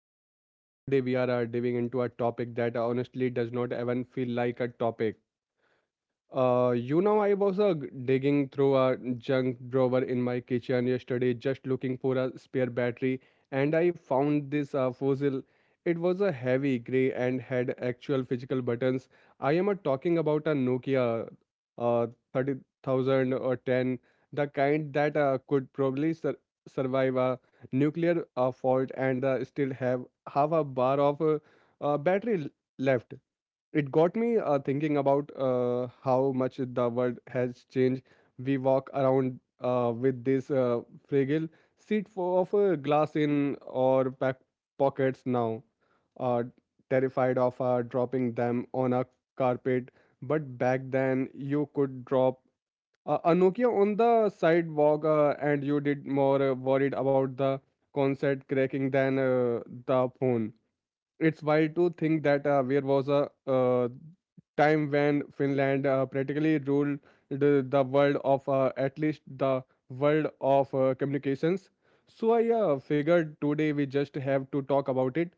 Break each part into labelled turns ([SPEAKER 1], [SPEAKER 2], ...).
[SPEAKER 1] to the mic. Today we are diving into a topic that honestly does not even feel like a topic. I was digging through a junk drawer in my kitchen yesterday, just looking for a spare battery, and I found this fossil. It was a heavy gray and had actual physical buttons. I am talking about a Nokia uh, 30,000 or 10, the kind that could probably survive a nuclear fault and still have a bar of battery left. It got me thinking about how much the world has changed. We walk around with this fragile seed of a glass in our pack pockets now, uh, terrified of dropping them on a carpet. But back then, you could drop a Nokia on the sidewalk, and you did more worried about the concert cracking than the phone. It's wild to think that there was a time when Finland practically ruled the world of at least the world of communications. So I figured today we just have to talk about it.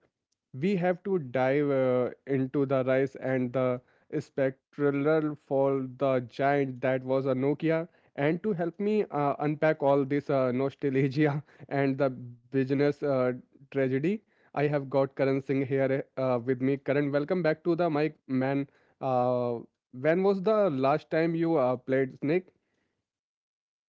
[SPEAKER 1] We have to dive into the rise and the spectral for the giant that was a Nokia. And to help me unpack all this nostalgia and the business tragedy, I have got Karan Singh here with me. Karan, welcome back to the mic, man. Uh, when was the last time you played Snake?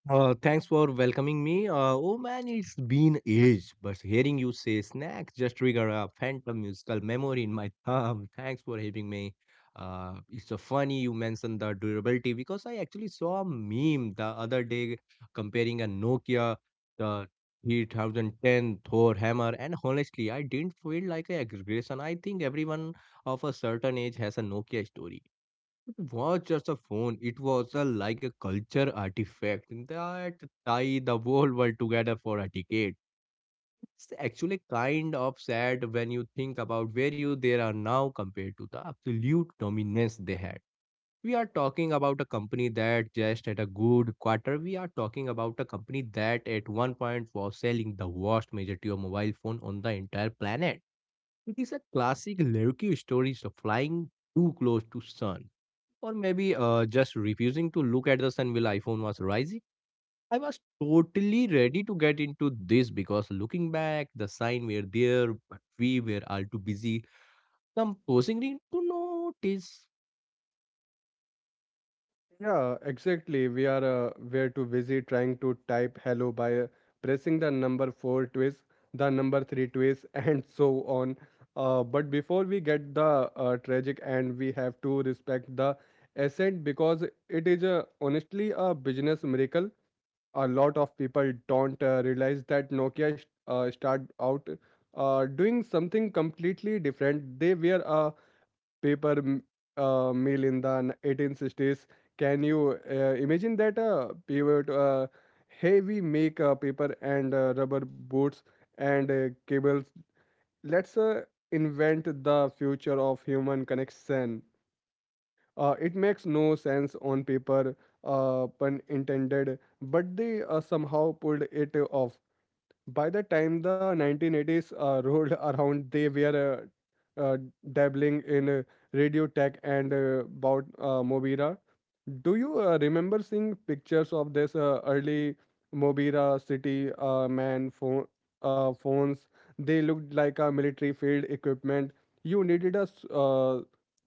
[SPEAKER 2] Thanks for welcoming me. Oh man, it's been age, but hearing you say snacks just trigger a phantom musical memory in my thumb. Thanks for having me. It's so funny you mentioned the durability because I actually saw a meme the other day comparing a Nokia, the 3010 Thor hammer, and honestly, I didn't feel like a aggression. I think everyone of a certain age has a Nokia story. It was just a phone. It was a, like a culture artifact that tied the whole world together for a decade. It's actually kind of sad when you think about where you they are now compared to the absolute dominance they had. We are talking about a company that just at a good quarter, we are talking about a company that at one point was selling the vast majority of mobile phone on the entire planet. It is a classic Lerky story of flying too close to sun or maybe just refusing to look at the sun while iPhone was rising. I was totally ready to get into this because looking back, the sign were there, but we were all too busy composing it to notice.
[SPEAKER 1] Yeah, exactly. We are way too busy trying to type hello by pressing the number four twice, the number three twice, and so on. But before we get the tragic and we have to respect the ascent because it is honestly a business miracle. A lot of people don't realize that Nokia started out doing something completely different. They were a paper mill in the 1860s. Can you imagine that pivot? Hey, we make paper and rubber boots and cables. Let's invent the future of human connection. It makes no sense on paper, pun intended, but they somehow pulled it off. By the time the 1980s rolled around, they were uh, uh, dabbling in radio tech and about Mobira. Do you remember seeing pictures of this early Mobira city man phone, phones? They looked like a military field equipment. You needed a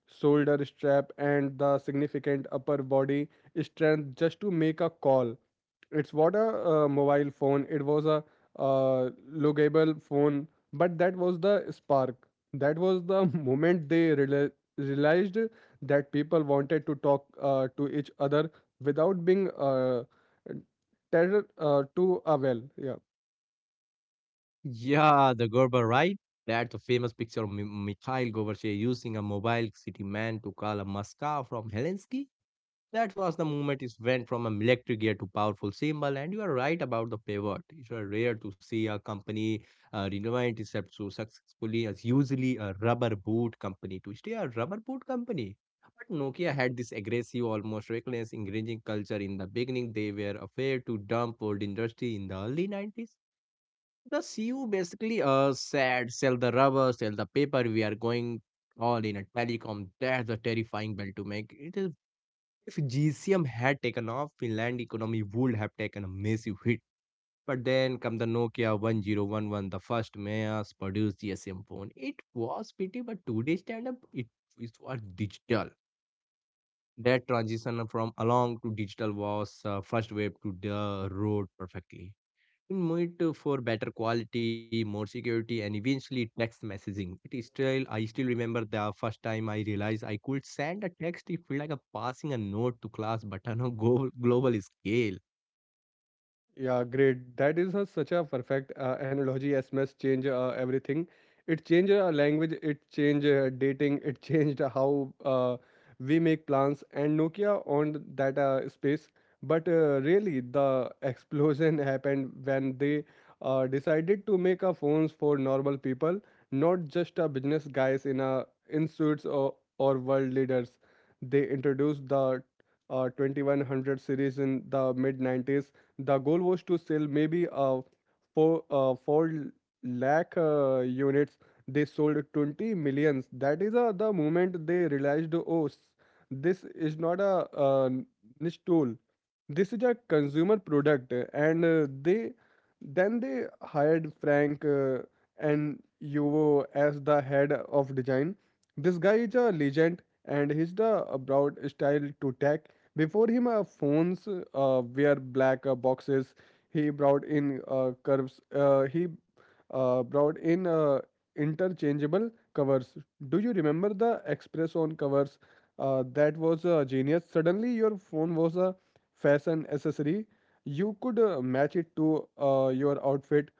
[SPEAKER 1] shoulder strap and the significant upper body strength just to make a call. It's what a mobile phone. It was a uh, lookable phone. But that was the spark. That was the moment they realized that people wanted to talk to each other without being tethered to a, well, yeah.
[SPEAKER 2] Yeah, the Gerber, right? That's the famous picture of Mikhail Gorbachev using a mobile city man to call a Moscow from Helsinki. That was the moment it went from a military gear to powerful symbol, and you are right about the pivot. It's rare to see a company renovate itself so successfully as usually a rubber boot company to stay a rubber boot company. But Nokia had this aggressive, almost reckless, engaging culture in the beginning. They were afraid to dump old industry in the early 90s. The CEO basically said, sell the rubber, sell the paper, we are going all in a telecom. That's a terrifying bell to make. It is if GCM had taken off, Finland economy would have taken a massive hit. But then come the Nokia 1011, the first mass produced GSM phone. It was pretty, but today stand up, it is was digital. That transition from analog to digital was first wave to the road perfectly. In Meet for better quality, more security, and eventually text messaging. It is still, I still remember the first time I realized I could send a text. It felt like a passing a note to class, but on a global scale.
[SPEAKER 1] Yeah, great. That is such a perfect analogy. SMS change everything. It changed language. It changed dating. It changed how we make plans. And Nokia owned that space. But really, the explosion happened when they decided to make a phones for normal people, not just business guys in suits or world leaders. They introduced the 2100 series in the mid 90s. The goal was to sell maybe 4 lakh units. They sold 20 millions. That is the moment they realized, oh, this is not a niche tool. This is a consumer product. And they then they hired Frank and Yuvo as the head of design. This guy is a legend and he's the brought style to tech. Before him, phones were black boxes. He brought in curves. He brought in interchangeable covers. Do you remember the Express on covers? That was genius. Suddenly, your phone was a fashion accessory. You could match it to your outfit.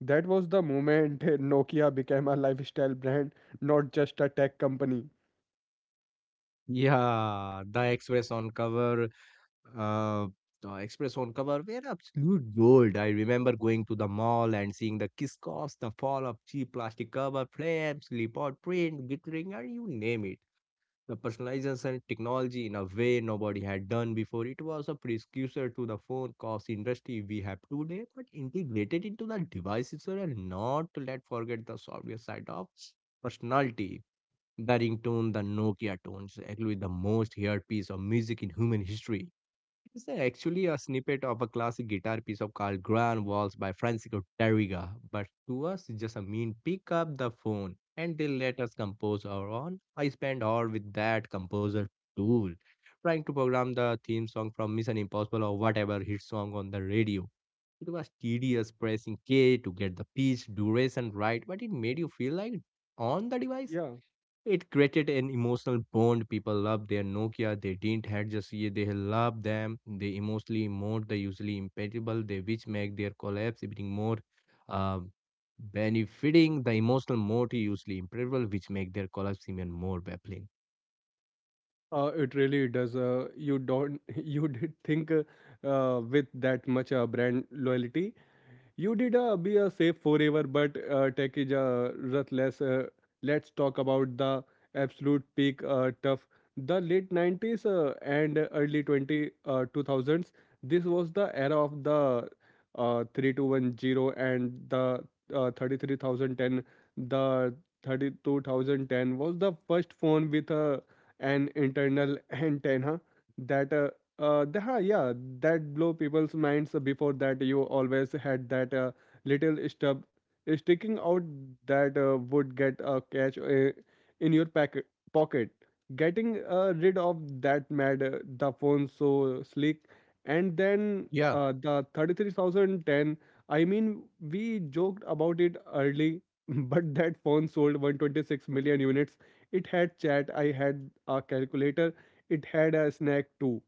[SPEAKER 1] That was the moment Nokia became a lifestyle brand, not just a tech company.
[SPEAKER 2] Yeah, the Express on cover, uh, the Express on cover were absolute gold. I remember going to the mall and seeing the kiss costs, the fall of cheap plastic cover, flames, leopard print, glittering, and you name it. The personalization technology in a way nobody had done before. It was a precursor to the phone cost industry we have today, but integrated into the devices and not to let forget the software side of personality. The ringtone, the Nokia tones, actually the most heard piece of music in human history. It's actually a snippet of a classic guitar piece of called Grand Waltz by Francisco Tarriga, but to us it just a mean pick up the phone and they let us compose our own. I spent hours with that composer tool trying to program the theme song from Mission Impossible or whatever hit song on the radio. It was tedious pressing K to get the pitch duration right, but it made you feel like on the device.
[SPEAKER 1] Yeah.
[SPEAKER 2] It created an emotional bond. People loved their Nokia. They didn't had just ye they loved them. They emotionally mourned the usually impeccable. They which make their collapse even more uh, benefiting the emotional mode usually impeccable, which make their collapse even more baffling.
[SPEAKER 1] It really does. You don't you did think with that much brand loyalty. You did be a safe forever, but tech is ruthless. Let's talk about the absolute peak tough. The late 90s and early 2000s. This was the era of the 3210 and the 33010. The 32010 was the first phone with an internal antenna that uh, yeah, that blow people's minds. Before that, you always had that little stub sticking out that would get a catch in your pocket. Getting rid of that made the phone so sleek. And then
[SPEAKER 2] Yeah.
[SPEAKER 1] the 33010, I mean, we joked about it early, but that phone sold 126 million units. It had chat, I had a calculator, it had a snack too.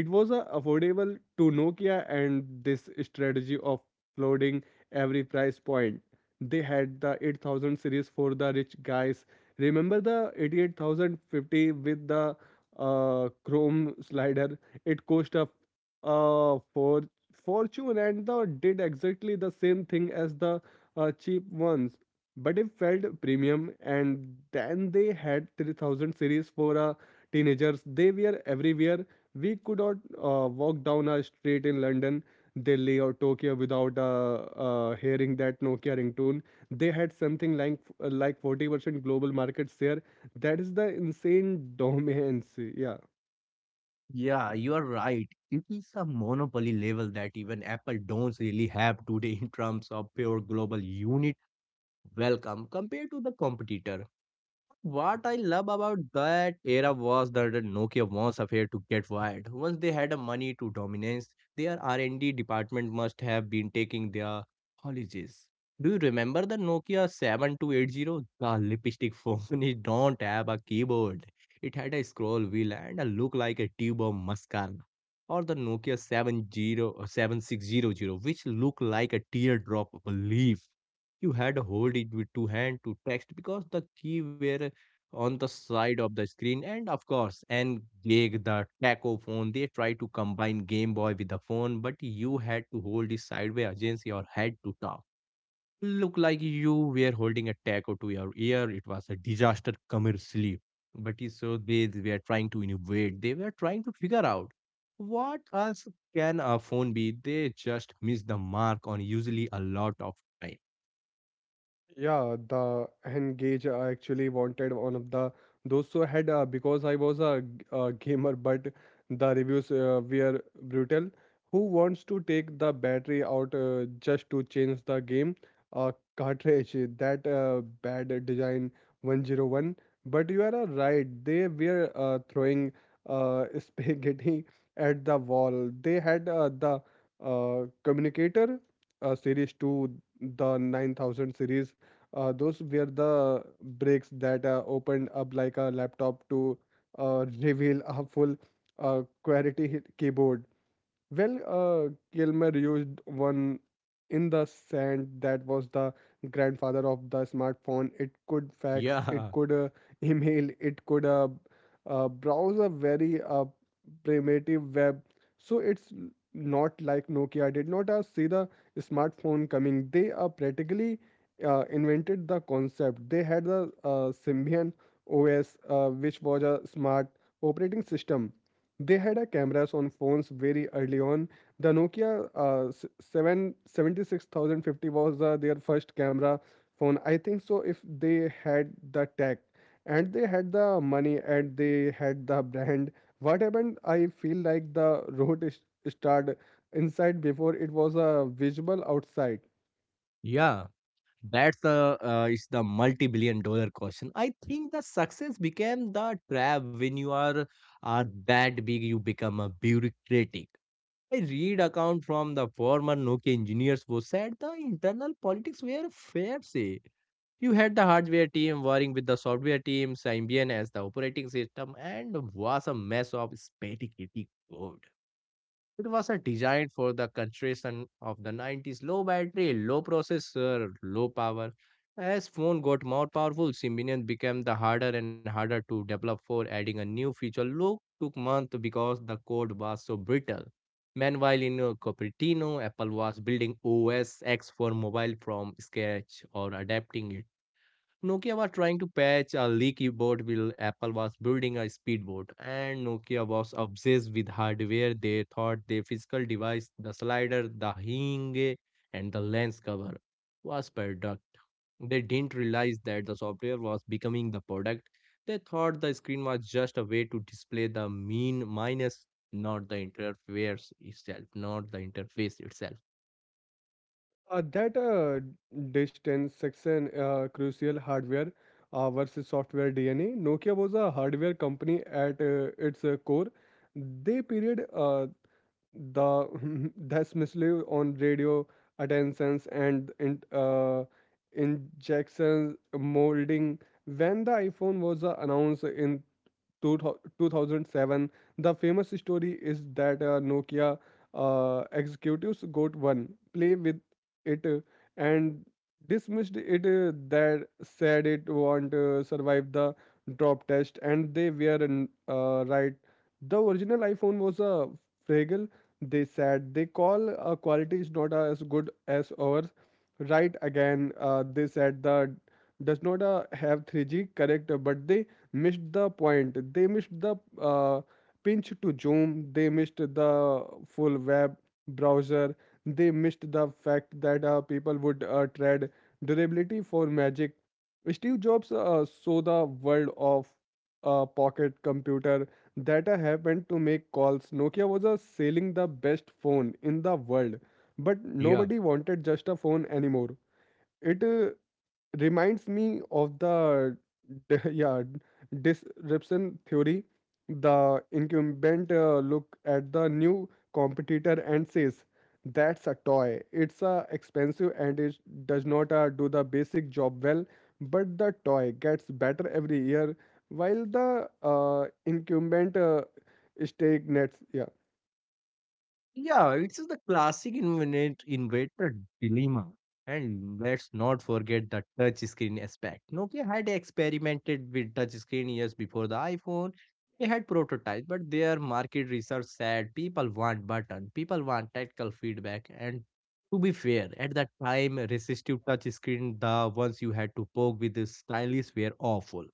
[SPEAKER 1] It was affordable to Nokia, and this strategy of flooding every price point. They had the 8000 series for the rich guys. Remember the 88050 with the chrome slider? It cost a uh, for fortune and the did exactly the same thing as the cheap ones, but it felt premium. And then they had 3000 series for teenagers. They were everywhere. We could not walk down a street in London, Delhi, or Tokyo without hearing that Nokia ringtone. They had something like 40% global market share. That is the insane dominance. Yeah.
[SPEAKER 2] Yeah, you are right. It is a monopoly level that even Apple don't really have today in terms of pure global unit welcome compared to the competitor. What I love about that era was that the Nokia was afraid to get wired. Once they had the money to dominance, their R&D department must have been taking their holidays. Do you remember the Nokia 7280? The lipstick phone. It don't have a keyboard. It had a scroll wheel and a look like a tube of mascara. Or the Nokia Seven Zero 7600, which looked like a teardrop of a leaf. You had to hold it with two hands to text because the key were on the side of the screen. And of course and engage the taco phone they try to combine game boy with the phone, but you had to hold it sideways against your head to talk, look like you were holding a taco to your ear. It was a disaster commercially, but it's so they were trying to innovate, they were trying to figure out what else can a phone be. They just missed the mark on usually a lot of time.
[SPEAKER 1] Yeah, the Engage. I actually wanted one of the those so had because I was a gamer, but the reviews were brutal. Who wants to take the battery out just to change the game? A cartridge that bad design 101. But you are right, they were throwing spaghetti at the wall. They had the communicator series 2, the 9000 series. Those were the breaks that opened up like a laptop to reveal a full quality keyboard. Well, Kilmer used one in the sand. That was the grandfather of the smartphone. It could fax, it
[SPEAKER 2] yeah
[SPEAKER 1] could email, it could browse a very primitive web. So it's not like Nokia did not see the smartphone coming. They practically invented the concept. They had the Symbian OS, which was a smart operating system. They had a cameras on phones very early on. The Nokia 7 seventy-six thousand fifty was their first camera phone. I think so if they had the tech and they had the money and they had the brand. What happened? I feel like the road is started inside before it was a visible outside.
[SPEAKER 2] yeah That's the it's the multi-multi-billion-dollar question. I think the success became the trap when you are that big, you become a bureaucratic. I read account from the former Nokia engineers who said the internal politics were fair say. You had the hardware team worrying with the software team, Symbian as the operating system, and was a mess of spaghetti code. It was a designed for the concentration of the 90s low battery, low processor, low power. As phone got more powerful, Symbian became the harder and harder to develop for adding a new feature. Look took months because the code was so brittle. Meanwhile, in Cupertino, Apple was building OS X for mobile from scratch or adapting it. Nokia was trying to patch a leaky board while Apple was building a speedboat, and Nokia was obsessed with hardware. They thought their physical device, the slider, the hinge, and the lens cover was product. They didn't realize that the software was becoming the product. They thought the screen was just a way to display the mean minus, not the interface itself.
[SPEAKER 1] That distance section crucial hardware versus software DNA. Nokia was a hardware company at its core. They period the dismissively on radio attentions and injections molding. When the iPhone was announced in two thou- 2007. The famous story is that Nokia executives got one, play with it, and dismissed it. That said it won't survive the drop test, and they were right. The original iPhone was a fragile. They said they call quality is not as good as ours. Right again, they said the does not have 3G correct, but they missed the point. They missed the uh, pinch to zoom. They missed the full web browser. They missed the fact that people would trade durability for magic. Steve Jobs saw the world of a pocket computer that I happened to make calls. Nokia was selling the best phone in the world, but
[SPEAKER 2] Yeah.
[SPEAKER 1] nobody wanted just a phone anymore. It reminds me of the yeah, disruption theory. The incumbent look at the new competitor and says that's a toy, it's expensive and it does not do the basic job well. But the toy gets better every year while the incumbent stagnates. Yeah.
[SPEAKER 2] Yeah, it's the classic inventor dilemma. And let's not forget the touch screen aspect. Nokia had experimented with touch screen years before the iPhone. They had prototypes, but their market research said people want button, people want tactile feedback, and to be fair, at that time, resistive touch screen, the ones you had to poke with the stylus were awful.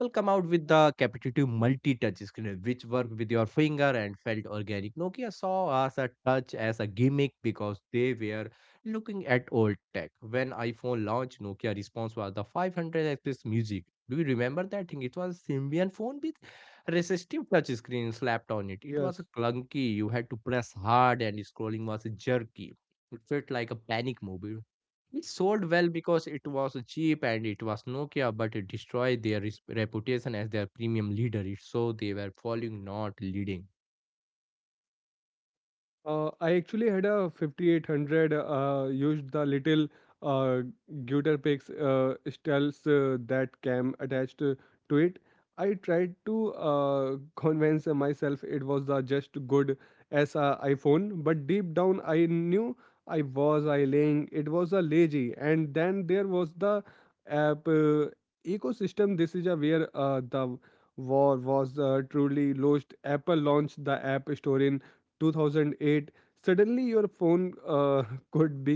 [SPEAKER 2] Will come out with the capacitive multi-touch screen, which worked with your finger and felt organic. Nokia saw us a touch as a gimmick because they were looking at old tech. When iPhone launched, Nokia response was the 500 music. Do you remember that thing? It was Symbian phone with resistive touch screen slapped on it. It was
[SPEAKER 1] Yes.
[SPEAKER 2] clunky. You had to press hard, and scrolling was jerky. It felt like a panic movie. It sold well because it was cheap and it was Nokia, but it destroyed their reputation as their premium leader. It so they were following, not leading.
[SPEAKER 1] I actually had a 5800, used the little uh, Geuterpix stealth that came attached to it. I tried to convince myself it was the just good as a iPhone, but deep down I knew I was I laying it was a lazy. And then there was the app ecosystem. This is a where the war was truly lost. Apple launched the App Store in 2008. Suddenly your phone could be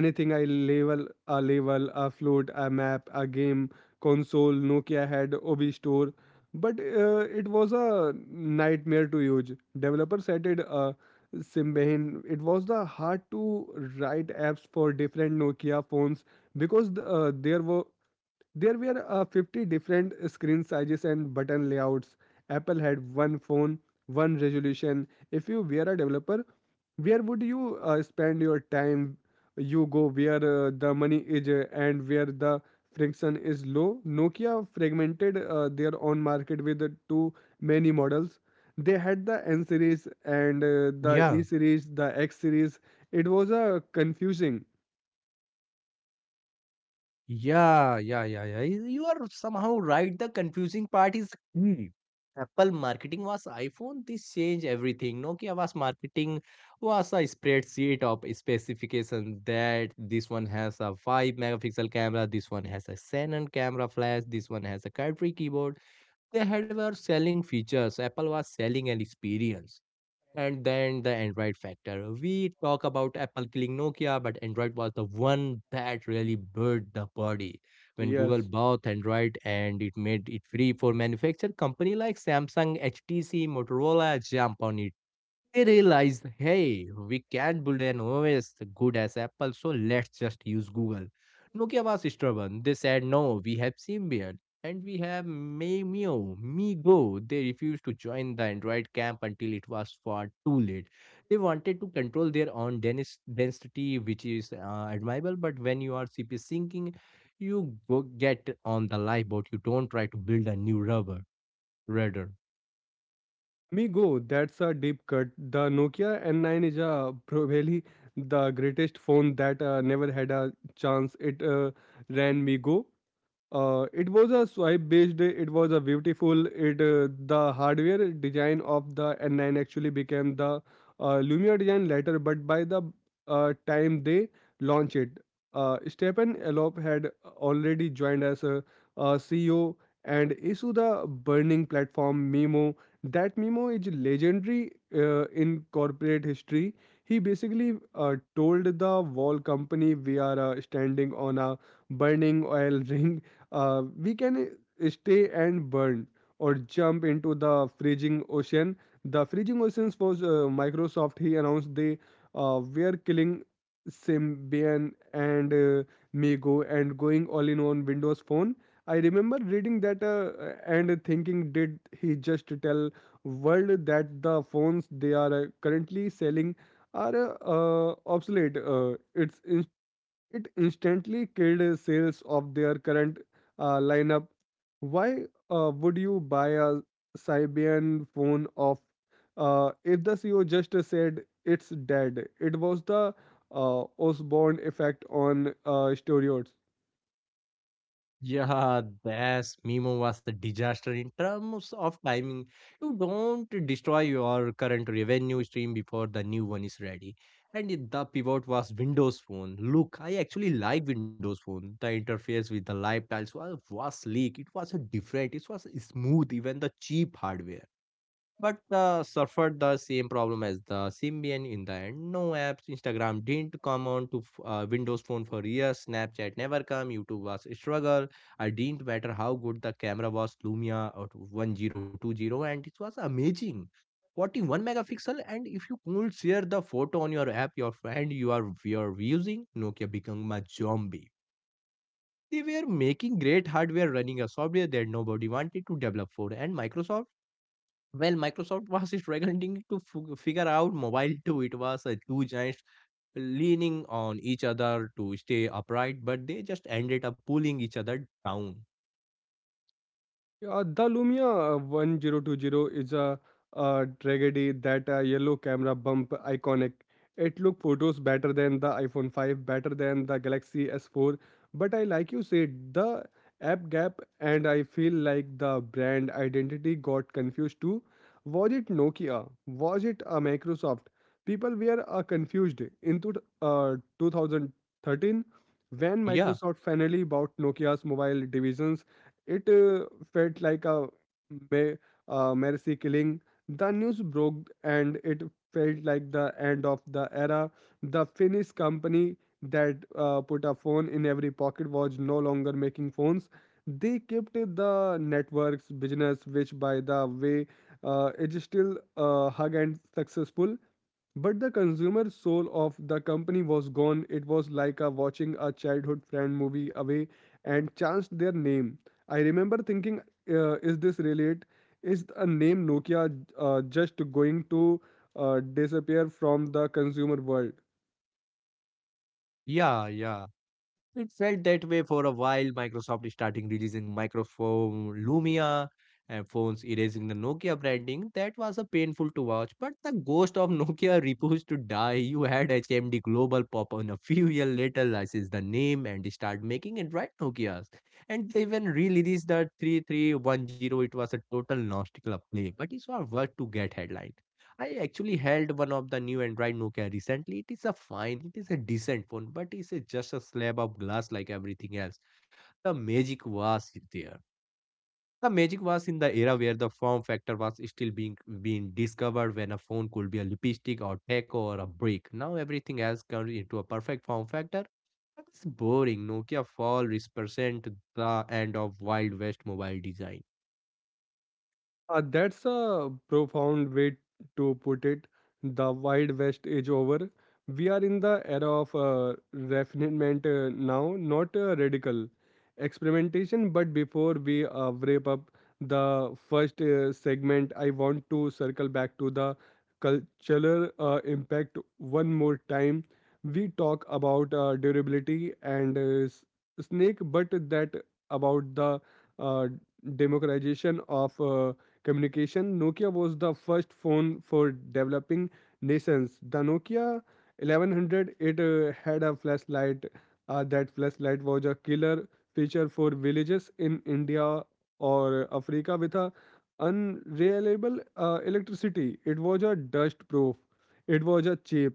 [SPEAKER 1] anything. I label a label A float, a map, a game console. Nokia had Ob Store, but it was a nightmare to use. Developers said it Symbian. It was the hard to write apps for different Nokia phones because there were 50 different screen sizes and button layouts. Apple had one phone, one resolution. If you were a developer, where would you spend your time? You go where the money is and where the friction is low. Nokia fragmented their own market with too many models. They had the N series and the E
[SPEAKER 2] Yeah,
[SPEAKER 1] series, the X series. It was confusing.
[SPEAKER 2] yeah. You are somehow right. The confusing part is key. Apple marketing was iPhone. This changed everything. Nokia was marketing was a spreadsheet of specifications that this one has a 5 megapixel camera, this one has a Canon camera flash, this one has a cartridge keyboard. They had were selling features. Apple was selling an experience. And then the Android factor. We talk about Apple killing Nokia, but Android was the one that really birthed the body. When Google
[SPEAKER 1] Yes.
[SPEAKER 2] bought Android and it made it free for manufacture, company like Samsung, HTC, Motorola jump on it. They realized, hey, we can't build an OS good as Apple, so let's just use Google. Nokia was stubborn. They said, no, we have Symbian and we have Maimeo, Migo. They refused to join the Android camp until it was far too late. They wanted to control their own density, which is admirable, but when you are CP syncing, you go get on the lifeboat. You don't try to build a new rudder.
[SPEAKER 1] Me go. That's a deep cut. The Nokia N9 is probably the greatest phone that never had a chance. It ran Me go. It was a swipe based. It was a beautiful. It the hardware design of the N9 actually became the Lumia design later, but by the time they launched it, Stefan Elop had already joined as a, CEO and issued the burning platform Mimo. That Mimo is legendary in corporate history. He basically told the wall company, "We are standing on a burning oil ring. We can stay and burn or jump into the freezing ocean." The freezing oceans was Microsoft. He announced they were killing Symbian and Mego and going all in on Windows Phone. I remember reading that and thinking, did he just tell world that the phones they are currently selling are obsolete? It's it instantly killed sales of their current lineup. Why would you buy a Symbian phone off if the CEO just said it's dead? It was the Osborne effect on stereos.
[SPEAKER 2] Yeah, this memo was a disaster in terms of timing. You don't destroy your current revenue stream before the new one is ready. And the pivot was Windows Phone. Look, I actually like Windows Phone. The interface with the live tiles was sleek. It was a different. It was smooth, even the cheap hardware but suffered the same problem as the Symbian in the end. No apps, Instagram didn't come on to Windows Phone for years, Snapchat never come, YouTube was a struggle. I didn't matter how good the camera was, Lumia or 1020, and it was amazing. 41 megapixel and if you could share the photo on your app your friend you are using nokia became a zombie they were making great hardware running a software that nobody wanted to develop for and microsoft Microsoft was struggling to figure out mobile too. It was two giants leaning on each other to stay upright, but they just ended up pulling each other down.
[SPEAKER 1] Yeah, the Lumia 1020 is a, tragedy. That yellow camera bump iconic. It look photos better than the iPhone 5, better than the Galaxy S4, but I like you said the app gap, and I feel like the brand identity got confused too. Was it Nokia? Was it Microsoft? People were confused. Into 2013, when
[SPEAKER 2] Yeah,
[SPEAKER 1] Microsoft finally bought Nokia's mobile divisions, it felt like a me- mercy killing. The news broke and it felt like the end of the era. The Finnish company that put a phone in every pocket was no longer making phones. They kept the networks business, which by the way is still hug and successful. But the consumer soul of the company was gone. It was like a watching a childhood friend movie away and chanced their name. I remember thinking, is this really it? Is a name Nokia just going to disappear from the consumer world?
[SPEAKER 2] yeah, yeah. It felt that way for a while. Microsoft starting releasing microphone Lumia and phones erasing the Nokia branding. That was a painful to watch, but the ghost of Nokia refused to die. You had HMD Global pop on a few years later, license the name and start making Android Nokias. And they even released the 3310. It was a total nostalgic play, but it's was worth to get headline. I actually held one of the new Android Nokia recently. It is a fine, it is a decent phone, but just a slab of glass like everything else. The magic was there. The magic was in the era where the form factor was still being discovered when a phone could be a lipstick or taco or a brick. Now everything else comes into a perfect form factor. That's boring. Nokia fall represent the end of Wild West mobile design.
[SPEAKER 1] That's a profound way to put it. The Wild West is over. We are in the era of refinement now, not radical experimentation. But before we wrap up the first segment, I want to circle back to the cultural impact one more time. We talk about durability and snake, but that about the uh, democratization of communication. Nokia was the first phone for developing nations. The Nokia 1100, it had a flashlight. That flashlight was a killer feature for villages in India or Africa with a unreliable electricity. It was a dust proof. It was a cheap.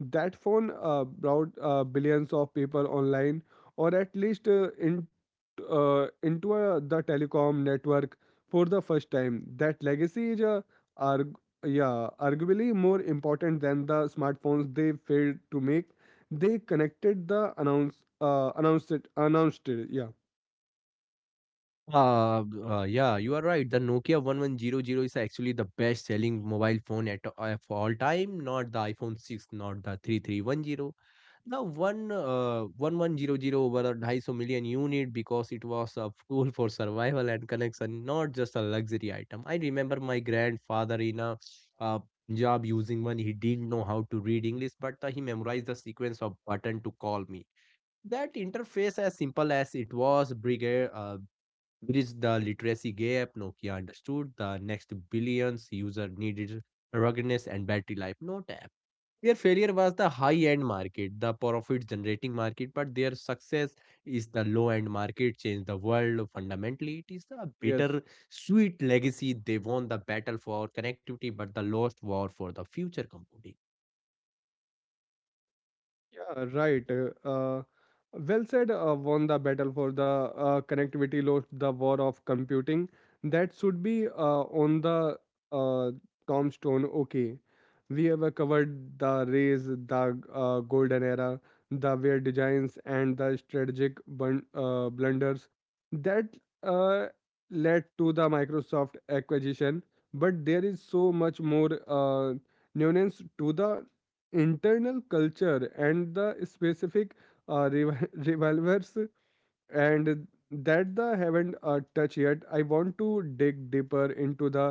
[SPEAKER 1] That phone brought billions of people online, or at least into the telecom network for the first time. That legacy is arg- yeah, arguably more important than the smartphones they failed to make. They connected the announced it. Yeah.
[SPEAKER 2] You are right. The Nokia 1100 is actually the best selling mobile phone at of all time, not the iPhone 6, not the 3310. The one 1100 over 250 million unit because it was a tool for survival and connection, not just a luxury item. I remember my grandfather in a uh, Punjab using one. He didn't know how to read English, but he memorized the sequence of button to call me. That interface, as simple as it was, brigade. Bridged the literacy gap. Nokia understood the next billions user needed ruggedness and battery life, not app. Their failure was the high-end market, the profit-generating market, but their success is the low-end market, changed the world fundamentally. It is the
[SPEAKER 1] Yes.
[SPEAKER 2] bitter, sweet legacy. They won the battle for connectivity, but the lost war for the future computing.
[SPEAKER 1] Yeah, right. Uh, well said, won the battle for the connectivity, lost the war of computing. That should be on the uh, tombstone. Okay, we have covered the rays, the golden era, the weird designs, and the strategic blunders that uh, led to the Microsoft acquisition. But there is so much more nuance to the internal culture and the specific revolvers and that the haven't touched yet. I want to dig deeper into the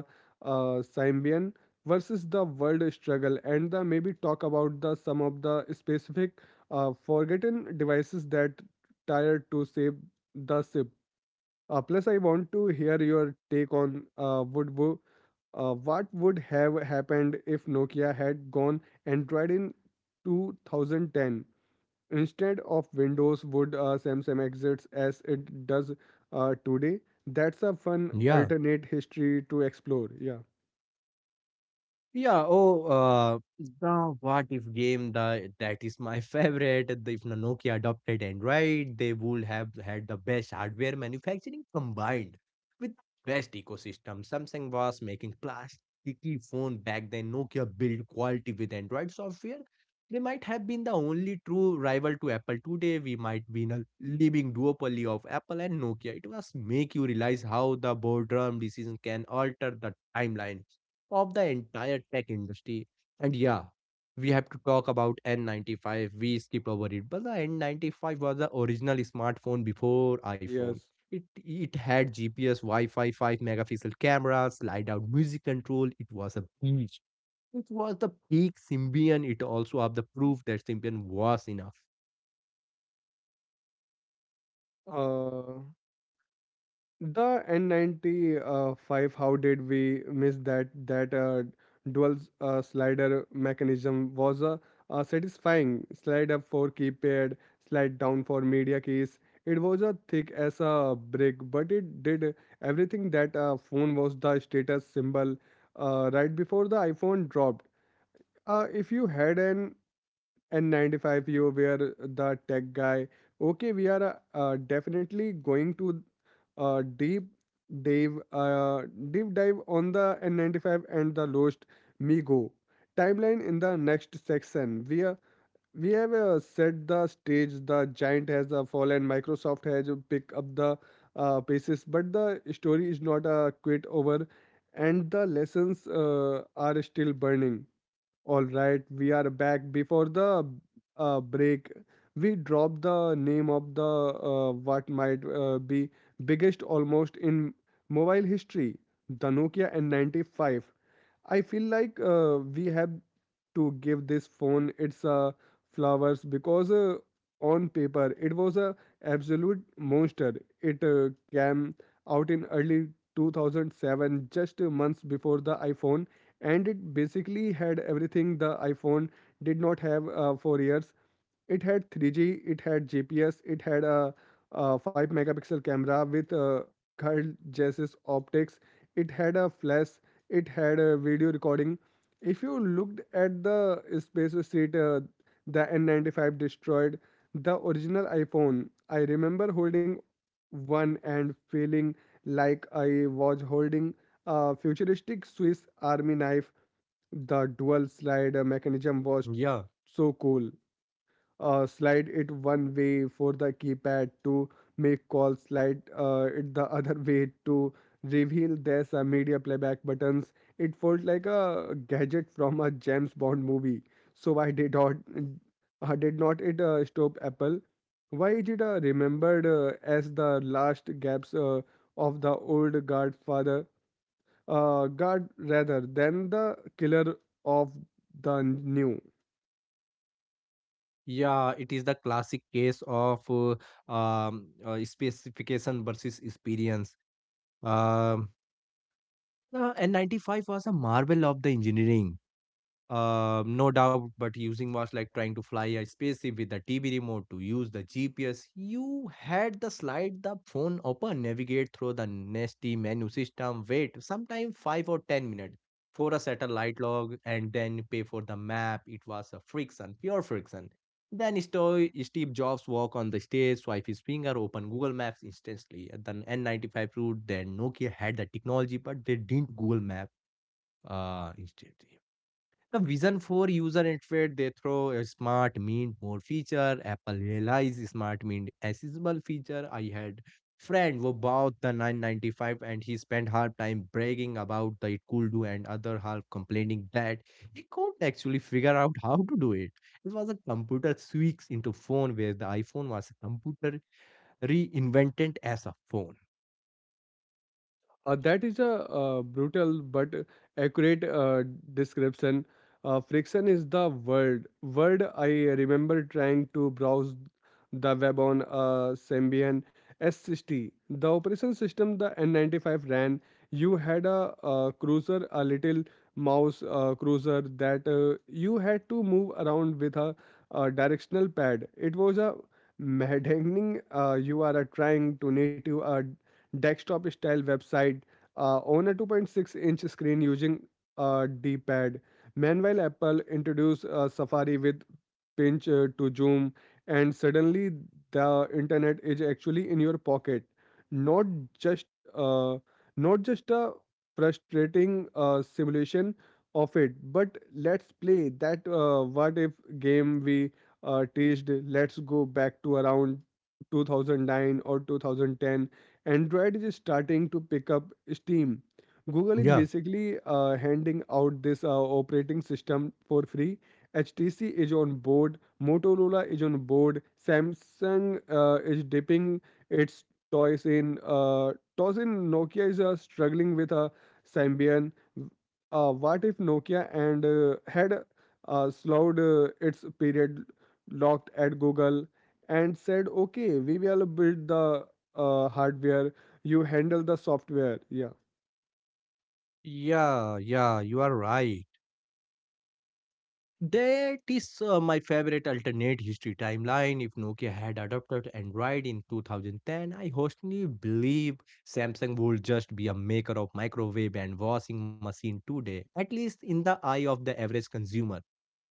[SPEAKER 1] Symbian versus the world struggle, and the maybe talk about the some of the specific forgotten devices that tired to save the ship. Plus, I want to hear your take on what would have happened if Nokia had gone Android in 2010 instead of Windows. Would Samsung exits as it does today? That's a fun
[SPEAKER 2] Yeah,
[SPEAKER 1] alternate history to explore. Yeah.
[SPEAKER 2] Yeah, oh, the what if game, the that is my favorite. If Nokia adopted Android, they would have had the best hardware manufacturing combined with best ecosystem. Samsung was making plasticky phone back then. Nokia built quality with Android software. They might have been the only true rival to Apple today. We might be in a living duopoly of Apple and Nokia. It was make you realize how the boardroom decision can alter the timeline of the entire tech industry. And yeah, we have to talk about N95. We skipped over it, but the N95 was the original smartphone before iPhone.
[SPEAKER 1] Yes.
[SPEAKER 2] It had GPS, Wi-Fi, 5 megapixel cameras, slide out music control. It was a beast. It was the peak Symbian. It also have the proof that Symbian was enough.
[SPEAKER 1] Uh, the N95, how did we miss that? That dual slider mechanism was a satisfying slide up for keypad, slide down for media keys. It was a thick as a brick, but it did everything. That a phone was the status symbol right before the iPhone dropped. If you had an N95, you were the tech guy. Okay, we are definitely going to uh, deep dive, uh, deep dive on the N95 and the Lost Migo timeline in the next section. We have set the stage. The giant has fallen. Microsoft has picked up the pieces, but the story is not quite over, and the lessons are still burning. All right, we are back. Before the break, we dropped the name of the what might be biggest almost in mobile history, the Nokia N95. I feel like we have to give this phone its flowers because on paper it was a absolute monster. It came out in early 2007, just months before the iPhone, and it basically had everything the iPhone did not have for years. It had 3G, it had GPS, it had a 5 megapixel camera with curled Jesus optics, it had a flash, it had a video recording. If you looked at the Space Street, the N95 destroyed, the original iPhone. I remember holding one and feeling like I was holding a futuristic Swiss Army knife. The dual slide mechanism was
[SPEAKER 2] Yeah.
[SPEAKER 1] so cool. Slide it one way for the keypad to make calls, slide it the other way to reveal there's media playback buttons. It felt like a gadget from a James Bond movie. So why did not it stop Apple? Why is it remembered as the last gaps of the old guard, rather than the killer of the new?
[SPEAKER 2] Yeah, it is the classic case of specification versus experience. Um N95 was a marvel of the engineering. No doubt, but using was like trying to fly a spaceship with a TV remote to use the GPS. You had the slide the phone open, navigate through the nasty menu system, wait sometimes 5 or 10 minutes for a satellite log, and then pay for the map. It was a friction, pure friction. Then Steve Jobs walk on the stage, swipe his finger, open Google Maps instantly. At the N95 route, then Nokia had the technology, but they didn't Google Map instantly. The Vision 4 user interface, they throw a smart mint more feature. Apple realized smart mint accessible feature. I had friend who bought the 995 and he spent half time bragging about that it could do and other half complaining that he couldn't actually figure out how to do it. It was a computer switch into phone where the iPhone was a computer reinvented as a phone.
[SPEAKER 1] That is a brutal but accurate description. Friction is the word. I remember trying to browse the web on Symbian S60. The operation system the N95 ran. You had a, cruiser, a little mouse cruiser that you had to move around with a directional pad. It was a maddening. You are trying to native a desktop style website on a 2.6-inch screen using a D pad. Meanwhile, Apple introduced Safari with pinch to zoom, and suddenly the internet is actually in your pocket, not just uh, not just a frustrating simulation of it. But let's play that what if game we teased. Let's go back to around 2009 or 2010. Android is starting to pick up steam. Google is
[SPEAKER 2] Yeah,
[SPEAKER 1] basically handing out this operating system for free. HTC is on board, Motorola is on board, Samsung is dipping its toys in. Toss in Nokia is struggling with a Symbian. What if Nokia and had slowed its period, locked at Google and said, okay, we will build the hardware, you handle the software. Yeah,
[SPEAKER 2] yeah, you are right. That is my favorite alternate history timeline. If Nokia had adopted Android in 2010, I honestly believe Samsung would just be a maker of microwave and washing machine today, at least in the eye of the average consumer.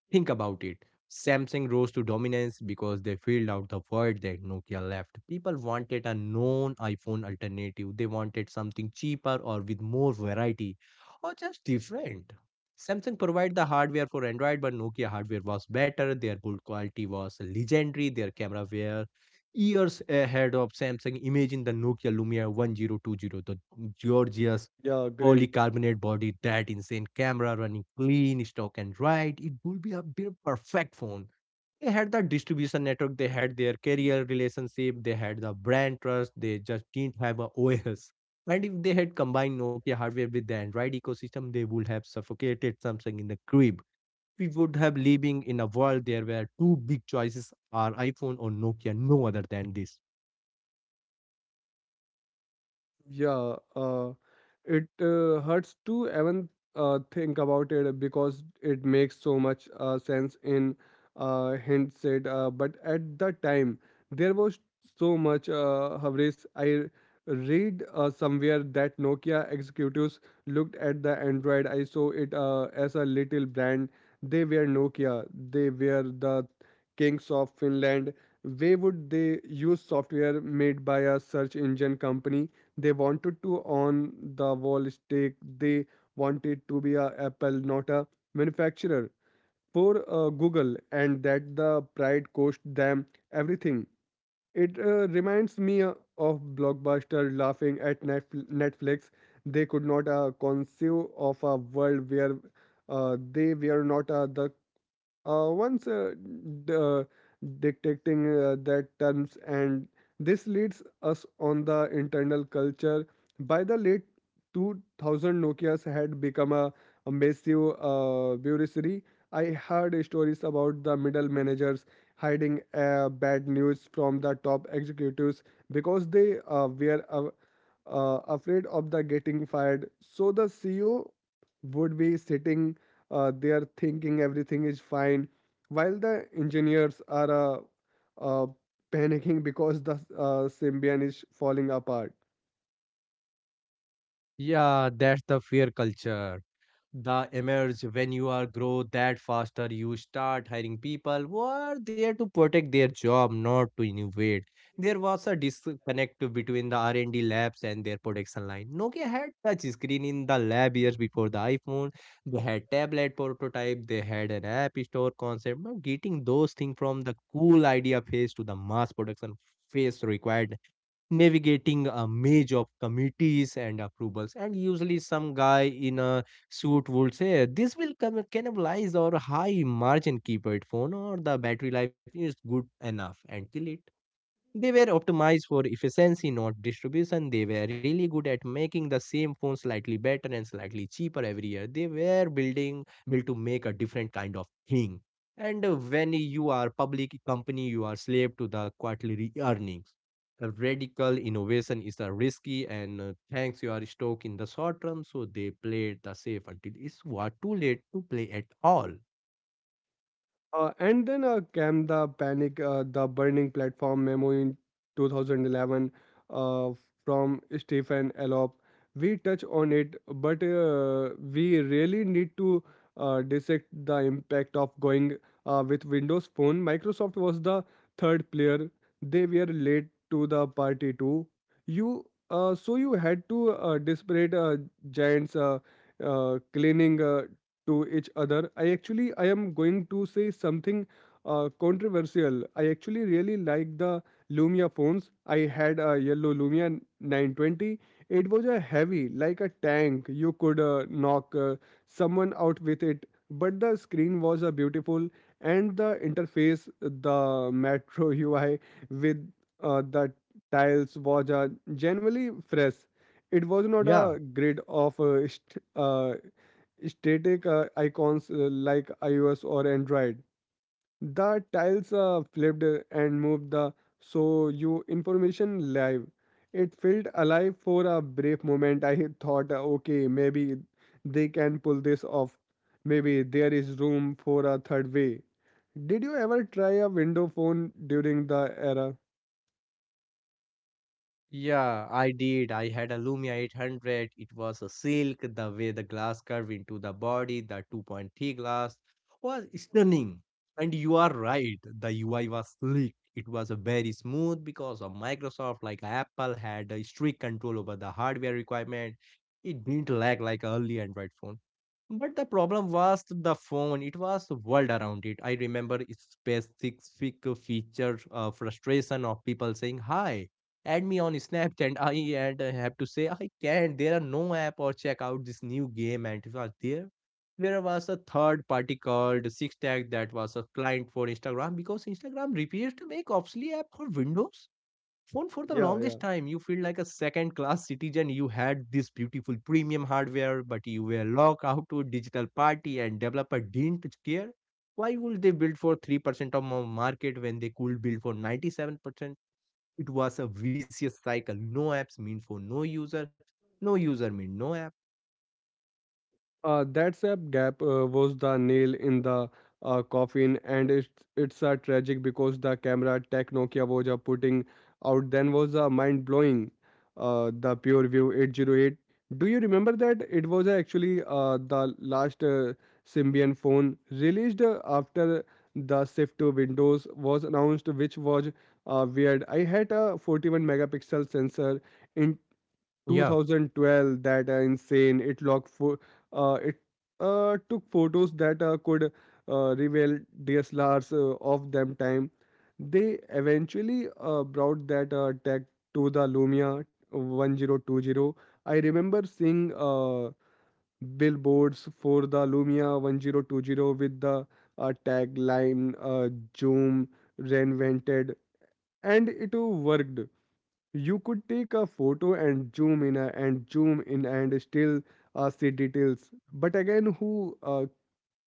[SPEAKER 2] Think about it. Samsung rose to dominance because they filled out the void that Nokia left. People wanted a known iPhone alternative. They wanted something cheaper or with more variety or just different. Samsung provided the hardware for Android, but Nokia hardware was better. Their build quality was legendary. Their camera were years ahead of Samsung. Imagine the Nokia Lumia 1020, the gorgeous
[SPEAKER 1] yeah, great.
[SPEAKER 2] Polycarbonate body, that insane camera running clean, stock and right. It would be a bit perfect phone. They had the distribution network, they had their carrier relationship, they had the brand trust, they just didn't have a OS. And if they had combined Nokia hardware with the Android ecosystem, they would have suffocated Samsung in the crib. We would have living in a world there where two big choices are iPhone or Nokia, no other than this.
[SPEAKER 1] Yeah, it hurts to even think about it because it makes so much sense in hindsight. But at the time, there was so much hubris. I read somewhere that Nokia executives looked at the Android. I saw it as a little brand. They were Nokia. They were the kings of Finland. Why would they use software made by a search engine company? They wanted to on the wall stake. They wanted to be a Apple, not a manufacturer for Google. And that the pride cost them everything. It reminds me of Blockbuster laughing at Netflix. They could not conceive of a world where they were not the uh, once uh, d- uh, detecting that terms. And this leads us on the internal culture. By the late 2000, Nokia's had become a massive bureaucracy. I heard stories about the middle managers hiding bad news from the top executives because they were afraid of the getting fired. So the CEO would be sitting they are thinking everything is fine while the engineers are uh, panicking because the symbian is falling apart.
[SPEAKER 2] Yeah, that's the fear culture. The emerge when you are grow that faster you start hiring people who are there to protect their job not to innovate. There was a disconnect between the R&D labs and their production line. Nokia had touch screen in the lab years before the iPhone. They had tablet prototype, they had an app store concept, but getting those things from the cool idea phase to the mass production phase required navigating a maze of committees and approvals. And usually, some guy in a suit would say, "This will cannibalize our high margin keypad phone," or "the battery life is good enough," and kill it. They were optimized for efficiency, not distribution. They were really good at making the same phone slightly better and slightly cheaper every year. They were building built to make a different kind of thing. And when you are public company, you are slave to the quarterly earnings. A radical innovation is a risky and thanks you are stuck in the short term, so they played the safe until it's what too late to play at all.
[SPEAKER 1] And then came the panic, the burning platform memo in 2011 uh, from Stephen Elop. We touch on it, but we really need to dissect the impact of going with Windows Phone. Microsoft was the third player. They were late to the party too. You so you had to disparate giants cleaning to each other. I am going to say something controversial. I actually really like the Lumia phones. I had a yellow Lumia 920. It was a heavy like a tank. You could knock someone out with it, but the screen was a beautiful, and the interface, the Metro UI with the tiles was genuinely fresh. It was not
[SPEAKER 2] Yeah,
[SPEAKER 1] a grid of static icons like iOS or Android. The tiles are flipped and moved the so you information live. It felt alive. For a brief moment, I thought, okay, maybe they can pull this off. Maybe there is room for a third way. Did you ever try a window phone during the era?
[SPEAKER 2] Yeah, I did. I had a Lumia 800. It was a silk. The way the glass curved into the body, the 2.3 glass was stunning. And you are right. The UI was slick. It was a very smooth because of Microsoft, like Apple, had a strict control over the hardware requirement. It didn't lag like early Android phones. But the problem was the phone. It was the world around it. I remember specific feature frustration of people saying, "Hi, add me on Snapchat." I And I have to say, "I can't." There are no app or check out this new game. And it was there. There was a third party called Six Tag that was a client for Instagram because Instagram refused to make obsolete app for Windows phone for the
[SPEAKER 1] Yeah, yeah.
[SPEAKER 2] longest time. You feel like a second class citizen. You had this beautiful premium hardware but you were locked out to a digital party and developer didn't care. Why would they build for 3% of the market when they could build for 97%? It was a vicious cycle. No apps mean for no user, no user mean no app.
[SPEAKER 1] That sap gap was the nail in the coffin, and it's a tragic because the camera tech Nokia was putting out then was mind blowing. The PureView 808. Do you remember that it was actually the last Symbian phone released after the shift to Windows was announced, which was weird. I had a 41 megapixel sensor
[SPEAKER 2] yeah
[SPEAKER 1] 2012. That insane, it locked for it took photos that could reveal DSLRs of them time. They eventually brought that tech to the Lumia 1020. I remember seeing billboards for the Lumia 1020 with the tagline zoom reinvented, and it worked. You could take a photo and zoom in and zoom in and still see details. But again, who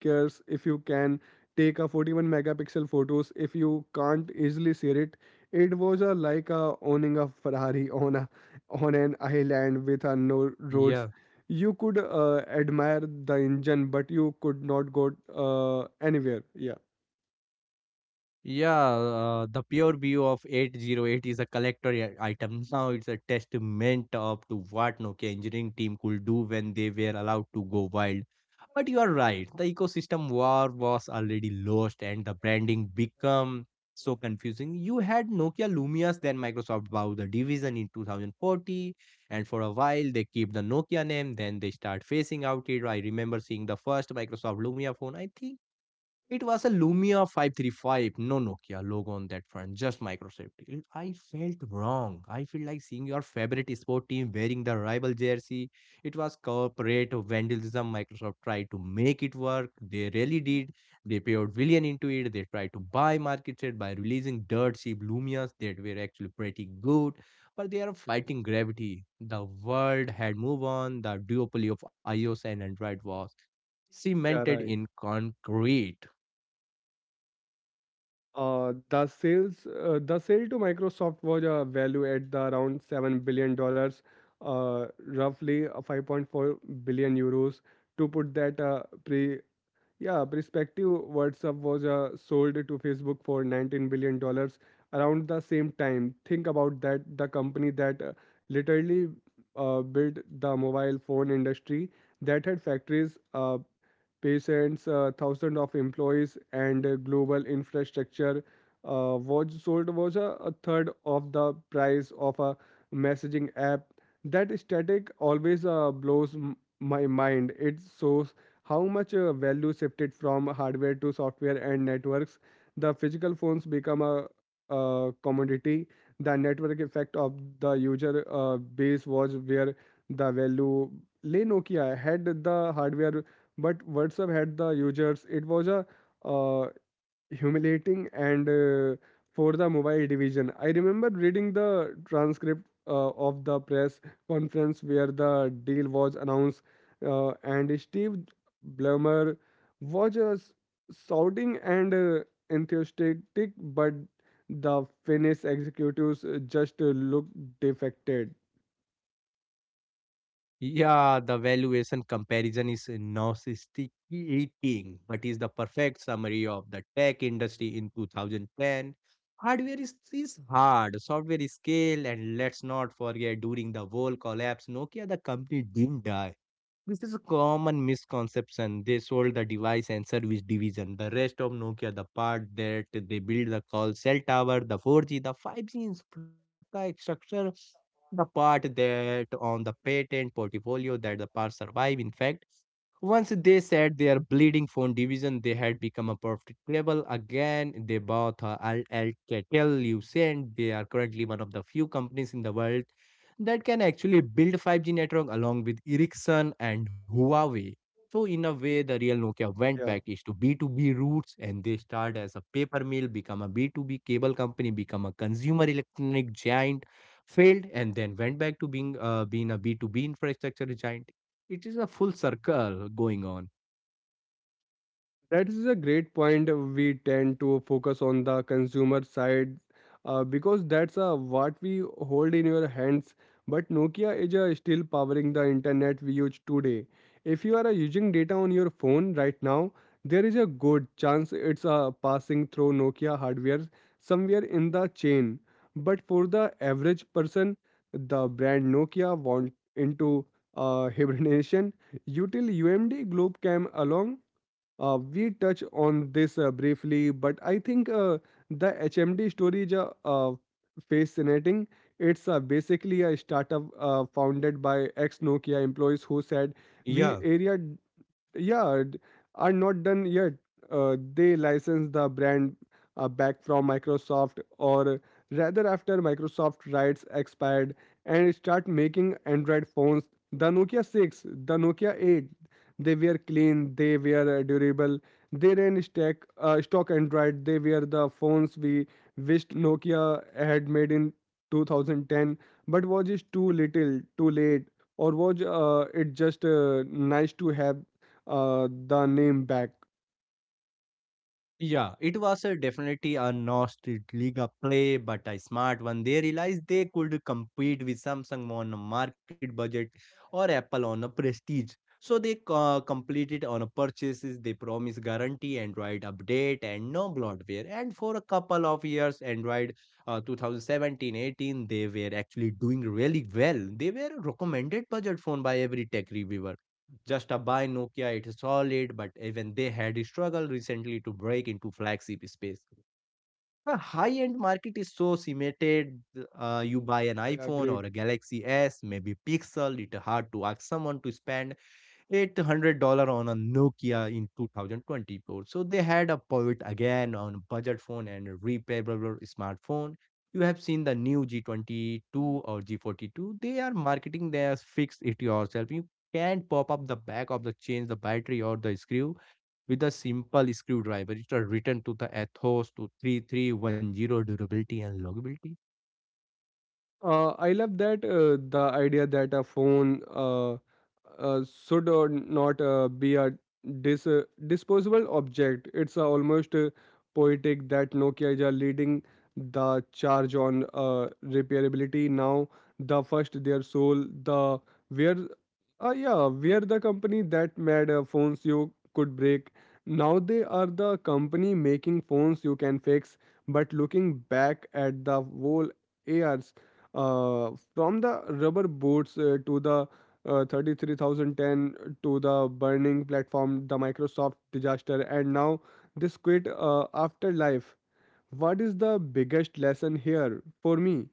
[SPEAKER 1] cares if you can take a 41 megapixel photos if you can't easily share it? It was like owning a Ferrari on a on an island with no
[SPEAKER 2] yeah
[SPEAKER 1] roads. You could admire the engine, but you could not go anywhere. Yeah.
[SPEAKER 2] Yeah, the pure view of 808 is a collector item. Now it's a testament of to what Nokia engineering team could do when they were allowed to go wild. But you are right, the ecosystem war was already lost and the branding become so confusing. You had Nokia Lumias, then Microsoft bought the division in 2040, and for a while they keep the Nokia name, then they start phasing out it. I remember seeing the first Microsoft Lumia phone, I think it was a Lumia 535, no Nokia logo on that front, just Microsoft. I felt wrong. I feel like seeing your favorite sport team wearing the rival jersey. It was corporate vandalism. Microsoft tried to make it work. They really did. They paid billion into it. They tried to buy market share by releasing dirt cheap Lumias that were actually pretty good, but they are fighting gravity. The world had moved on. The duopoly of iOS and Android was
[SPEAKER 1] Yeah,
[SPEAKER 2] cemented
[SPEAKER 1] right.
[SPEAKER 2] in concrete.
[SPEAKER 1] The sale to Microsoft was valued at the around $7 billion, roughly 5.4 billion euros. To put that yeah, perspective, WhatsApp was sold to Facebook for 19 billion dollars around the same time. Think about that. The company that literally built the mobile phone industry that had factories. Patients, thousands of employees, and global infrastructure was sold was a third of the price of a messaging app. That static always blows my mind. It shows how much value shifted from hardware to software and networks. The physical phones become a commodity. The network effect of the user base was where the value. Le Nokia had the hardware, but WhatsApp had the users. It was a uh, humiliating and for the mobile division. I remember reading the transcript of the press conference where the deal was announced, and Steve Ballmer was shouting and enthusiastic, but the Finnish executives just looked defected.
[SPEAKER 2] Yeah, the valuation comparison is nauseating, but is the perfect summary of the tech industry in 2010. Hardware is hard, software is scale, and let's not forget during the whole collapse, Nokia the company didn't die. This is a common misconception. They sold the device and service division, the rest of Nokia, the part that they build the call cell tower, the 4G, the 5G infrastructure, the part that on the patent portfolio that the part survive. In fact, once they said their bleeding phone division, they had become a perfect label. Again, they bought Alcatel Lucent. They are currently one of the few companies in the world that can actually build 5G network along with Ericsson and Huawei. So, in a way, the real Nokia went
[SPEAKER 1] Yeah.
[SPEAKER 2] back is to B2B roots and they start as a paper mill, become a B2B cable company, become a consumer electronic giant, failed, and then went back to being, being a B2B infrastructure giant. It is a full circle going on.
[SPEAKER 1] That is a great point. We tend to focus on the consumer side because that's what we hold in your hands. But Nokia is still powering the internet we use today. If you are using data on your phone right now, there is a good chance it's passing through Nokia hardware somewhere in the chain. But for the average person, the brand Nokia went into hibernation until UMD Globe came along. We touch on this briefly, but I think the HMD story is fascinating. It's basically a startup founded by ex Nokia employees who said,
[SPEAKER 2] Yeah,
[SPEAKER 1] "We area yeah are not done yet." They license the brand back from Microsoft, or rather after Microsoft rights expired, and start making Android phones. The Nokia 6, the Nokia 8. They were clean, they were durable, they ran stock Android. They were the phones we wished Nokia had made in 2010. But was it too little too late, or was it just nice to have the name back.
[SPEAKER 2] yeah, it was a definitely a Nostalgia play, but a smart one. They realized they could compete with Samsung on a market budget or Apple on a prestige. So they completed on a purchases. They promise guarantee, Android update, and no bloatware. And for a couple of years, Android 2017-18, they were actually doing really well. They were a recommended budget phone by every tech reviewer. Just a buy Nokia, it's solid, but even they had struggled recently to break into flagship space. The high-end market is so cemented. You buy an
[SPEAKER 1] Yeah, yeah,
[SPEAKER 2] iPhone
[SPEAKER 1] great.
[SPEAKER 2] or a Galaxy S, maybe Pixel. It's hard to ask someone to spend $800 on a Nokia in 2024. So they had a pivot again on budget phone and repairable smartphone. You have seen the new G22 or G42. They are marketing their fix it yourself. You can pop up the back of the change the battery or the screw with a simple screwdriver. It's are written to the Ethos to 3310 durability and longevity.
[SPEAKER 1] I love that the idea that a phone should or not be a disposable object. It's almost poetic that Nokia is leading the charge on repairability now. The first, their soul, the where, yeah, where the company that made phones you could break. Now they are the company making phones you can fix. But looking back at the whole years from the rubber boots to the 33,010, to the burning platform, the Microsoft disaster, and now this quit afterlife, what is the biggest lesson here for me?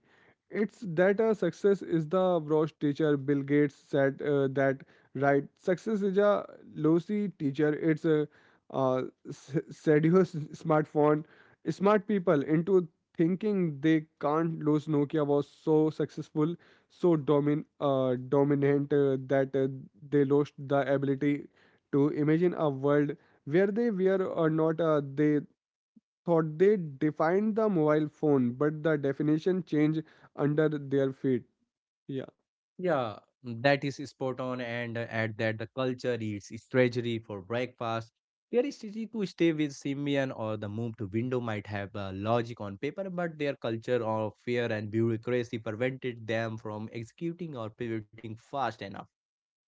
[SPEAKER 1] It's that success is the Brosh teacher. Bill Gates said that, right? Success is a lousy teacher. It's a uh, seduce smartphone, smart people into thinking they can't lose. Nokia was so successful, so dominant that they lost the ability to imagine a world where they were or not. They thought they defined the mobile phone, but the definition changed under their feet. Yeah,
[SPEAKER 2] Yeah, that is spot on. And add that the culture eats its treasury for breakfast. Their strategy to stay with Symbian or the move to Window might have logic on paper, but their culture of fear and bureaucracy prevented them from executing or pivoting fast enough.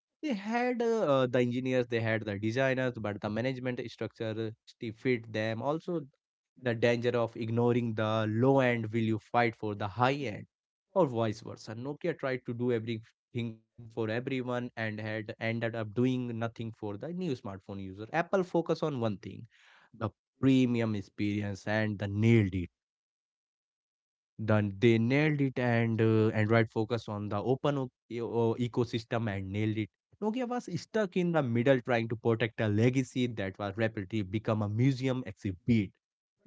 [SPEAKER 2] They had the engineers, they had the designers, but the management structure still fit them. Also, the danger of ignoring the low end will you fight for the high end, or vice versa. Nokia tried to do everything for everyone and had ended up doing nothing for the new smartphone user. Apple focused on one thing, the premium experience and the nailed it. Then they nailed it, and Android focused on the open ecosystem and nailed it. Nokia was stuck in the middle trying to protect a legacy that was rapidly become a museum exhibit.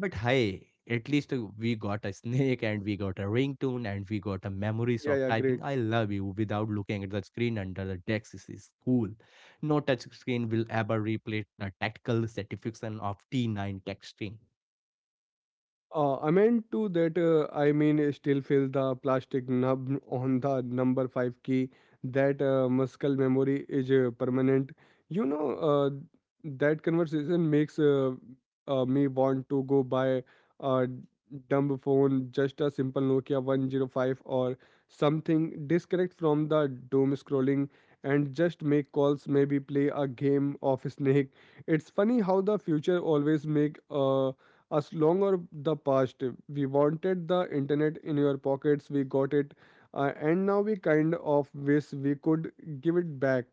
[SPEAKER 2] But hey, at least we got a snake and we got a ringtone and we got a memories
[SPEAKER 1] yeah,
[SPEAKER 2] of
[SPEAKER 1] yeah,
[SPEAKER 2] typing
[SPEAKER 1] great.
[SPEAKER 2] I love you without looking at the screen under the desk. This is cool. No touch screen will ever replace the tactical satisfaction of T9 texting.
[SPEAKER 1] I meant to that I mean still feel the plastic nub on the number five key. That muscle memory is permanent. You know that conversation makes me want to go buy a dumb phone, just a simple Nokia 105 or something. Disconnect from the doom scrolling and just make calls. Maybe play a game of Snake. It's funny how the future always make as long as the past. We wanted the internet in your pockets, we got it, and now we kind of wish we could give it back.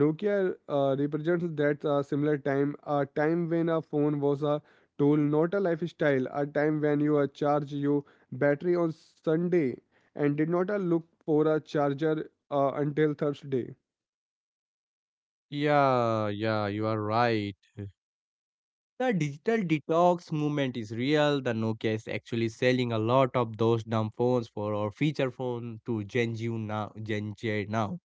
[SPEAKER 1] Nokia represents that similar time, a time when a phone was a tool, not a lifestyle, a time when you charge your battery on Sunday and did not look for a charger until Thursday.
[SPEAKER 2] Yeah, yeah, you are right. The digital detox movement is real. The Nokia is actually selling a lot of those dumb phones for our feature phone to Gen Z now. Gen Z now.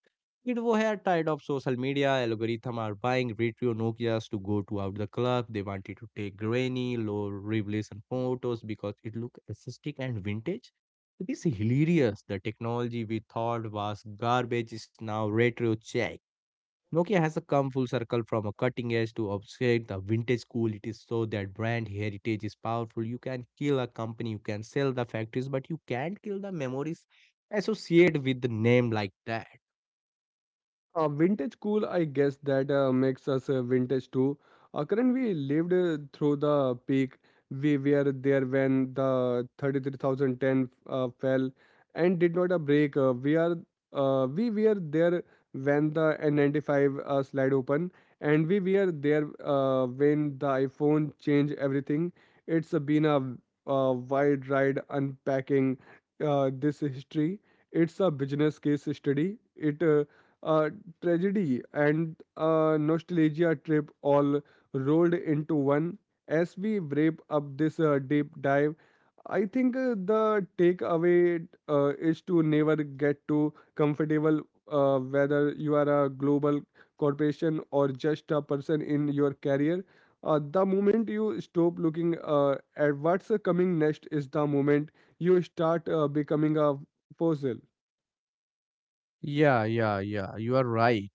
[SPEAKER 2] Kids who are tired of social media algorithm are buying retro Nokias to go to out the club. They wanted to take grainy, low resolution photos because it looked aesthetic and vintage. It is hilarious. The technology we thought was garbage is now retro check. Nokia has come full circle from a cutting edge to obscure the vintage cool. It is so that brand heritage is powerful. You can kill a company, you can sell the factories, but you can't kill the memories associated with the name like that.
[SPEAKER 1] Vintage cool, I guess that makes us vintage too. Current we lived through the peak. We were there when the 33,010 fell and did not a break. We were there when the N95 slide open, and we were there when the iPhone changed everything. It's been a wide ride unpacking this history. It's a business case study. It uh, tragedy and a nostalgia trip all rolled into one. As we wrap up this deep dive, I think the takeaway is to never get too comfortable, whether you are a global corporation or just a person in your career. The moment you stop looking at what's coming next is the moment you start becoming a fossil.
[SPEAKER 2] Yeah, yeah, yeah. You are right.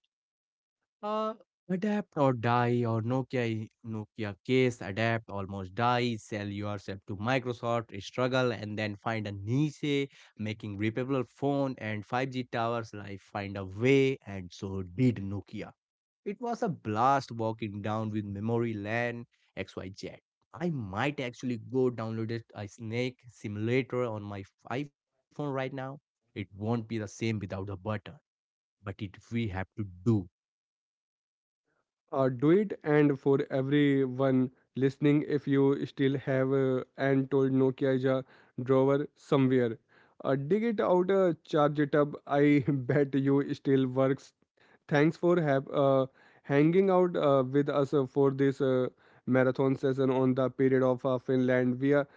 [SPEAKER 2] Uh, Adapt or die or Nokia case adapt almost die sell yourself to Microsoft struggle and then find a niche making reputable phone and 5G towers. Life find a way and so did Nokia. It was a blast walking down with memory lane XYZ. Might actually go download it, a snake simulator on my iPhone right now. It won't be the same without the button, but it we have to do.
[SPEAKER 1] Do it. And for everyone listening, if you still have and told Nokia is a drawer somewhere, dig it out, charge it up. I bet you still works. Thanks for have hanging out with us for this marathon session on the period of Finland.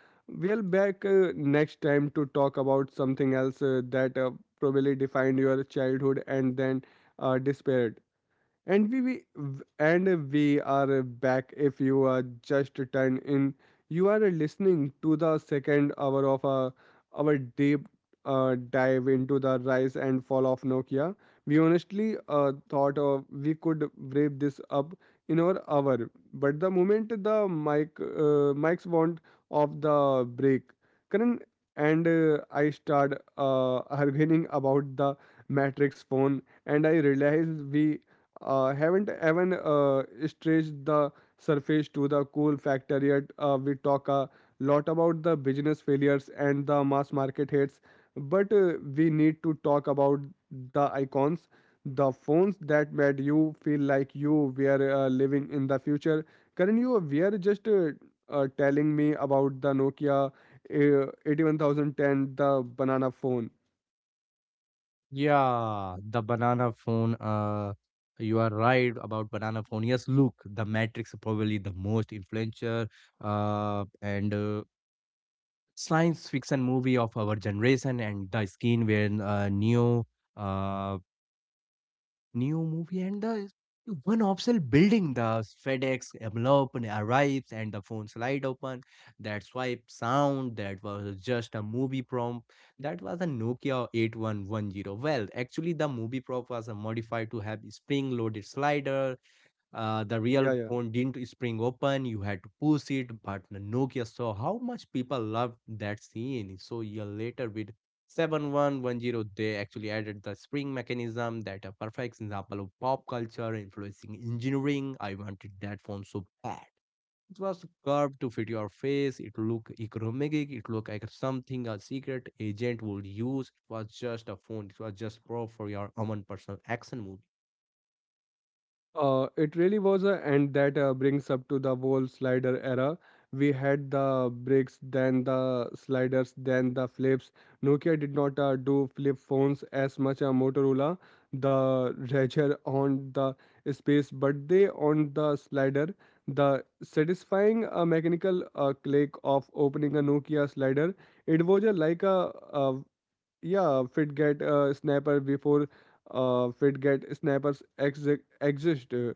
[SPEAKER 1] We'll back next time to talk about something else that probably defined your childhood and then despaired. And we, we and we are back. If you are just turned in, you are listening to the second hour of our deep dive into the rise and fall of Nokia. We honestly thought of we could wrap this up in our hour, but the moment the mics want of the break, Karan and I start arguing about the Matrix phone, and I realize we haven't even stretched the surface to the cool factor yet. We talk a lot about the business failures and the mass market hits, but we need to talk about the icons, the phones that made you feel like you were living in the future. Karan, you were just telling me about the Nokia 81010, the banana phone.
[SPEAKER 2] Yeah, the banana phone. You are right about banana phone. Yes, look, the Matrix is probably the most influential and science fiction movie of our generation, and the scene where Neo uh, new movie and the one obstacle building the FedEx envelope arrives and the phone slide open. That swipe sound that was just a movie prompt. That was a Nokia 8110. Well, actually the movie prompt was modified to have spring loaded slider. The real
[SPEAKER 1] Yeah, yeah.
[SPEAKER 2] phone didn't spring open, you had to push it, but the Nokia saw how much people loved that scene, so year later with 7110 they actually added the spring mechanism. That a perfect example of pop culture influencing engineering. I wanted that phone so bad. It was curved to fit your face, it looked economic, it looked like something a secret agent would use. It was just a phone, it was just pro for your own personal action movie.
[SPEAKER 1] It really was, and that brings up to the whole slider era. We had the bricks, then the sliders, then the flips. Nokia did not do flip phones as much as Motorola, the Razr on the space, but they on the slider. The satisfying mechanical click of opening a Nokia slider, it was yeah, FitGet snapper before FitGet snappers exist.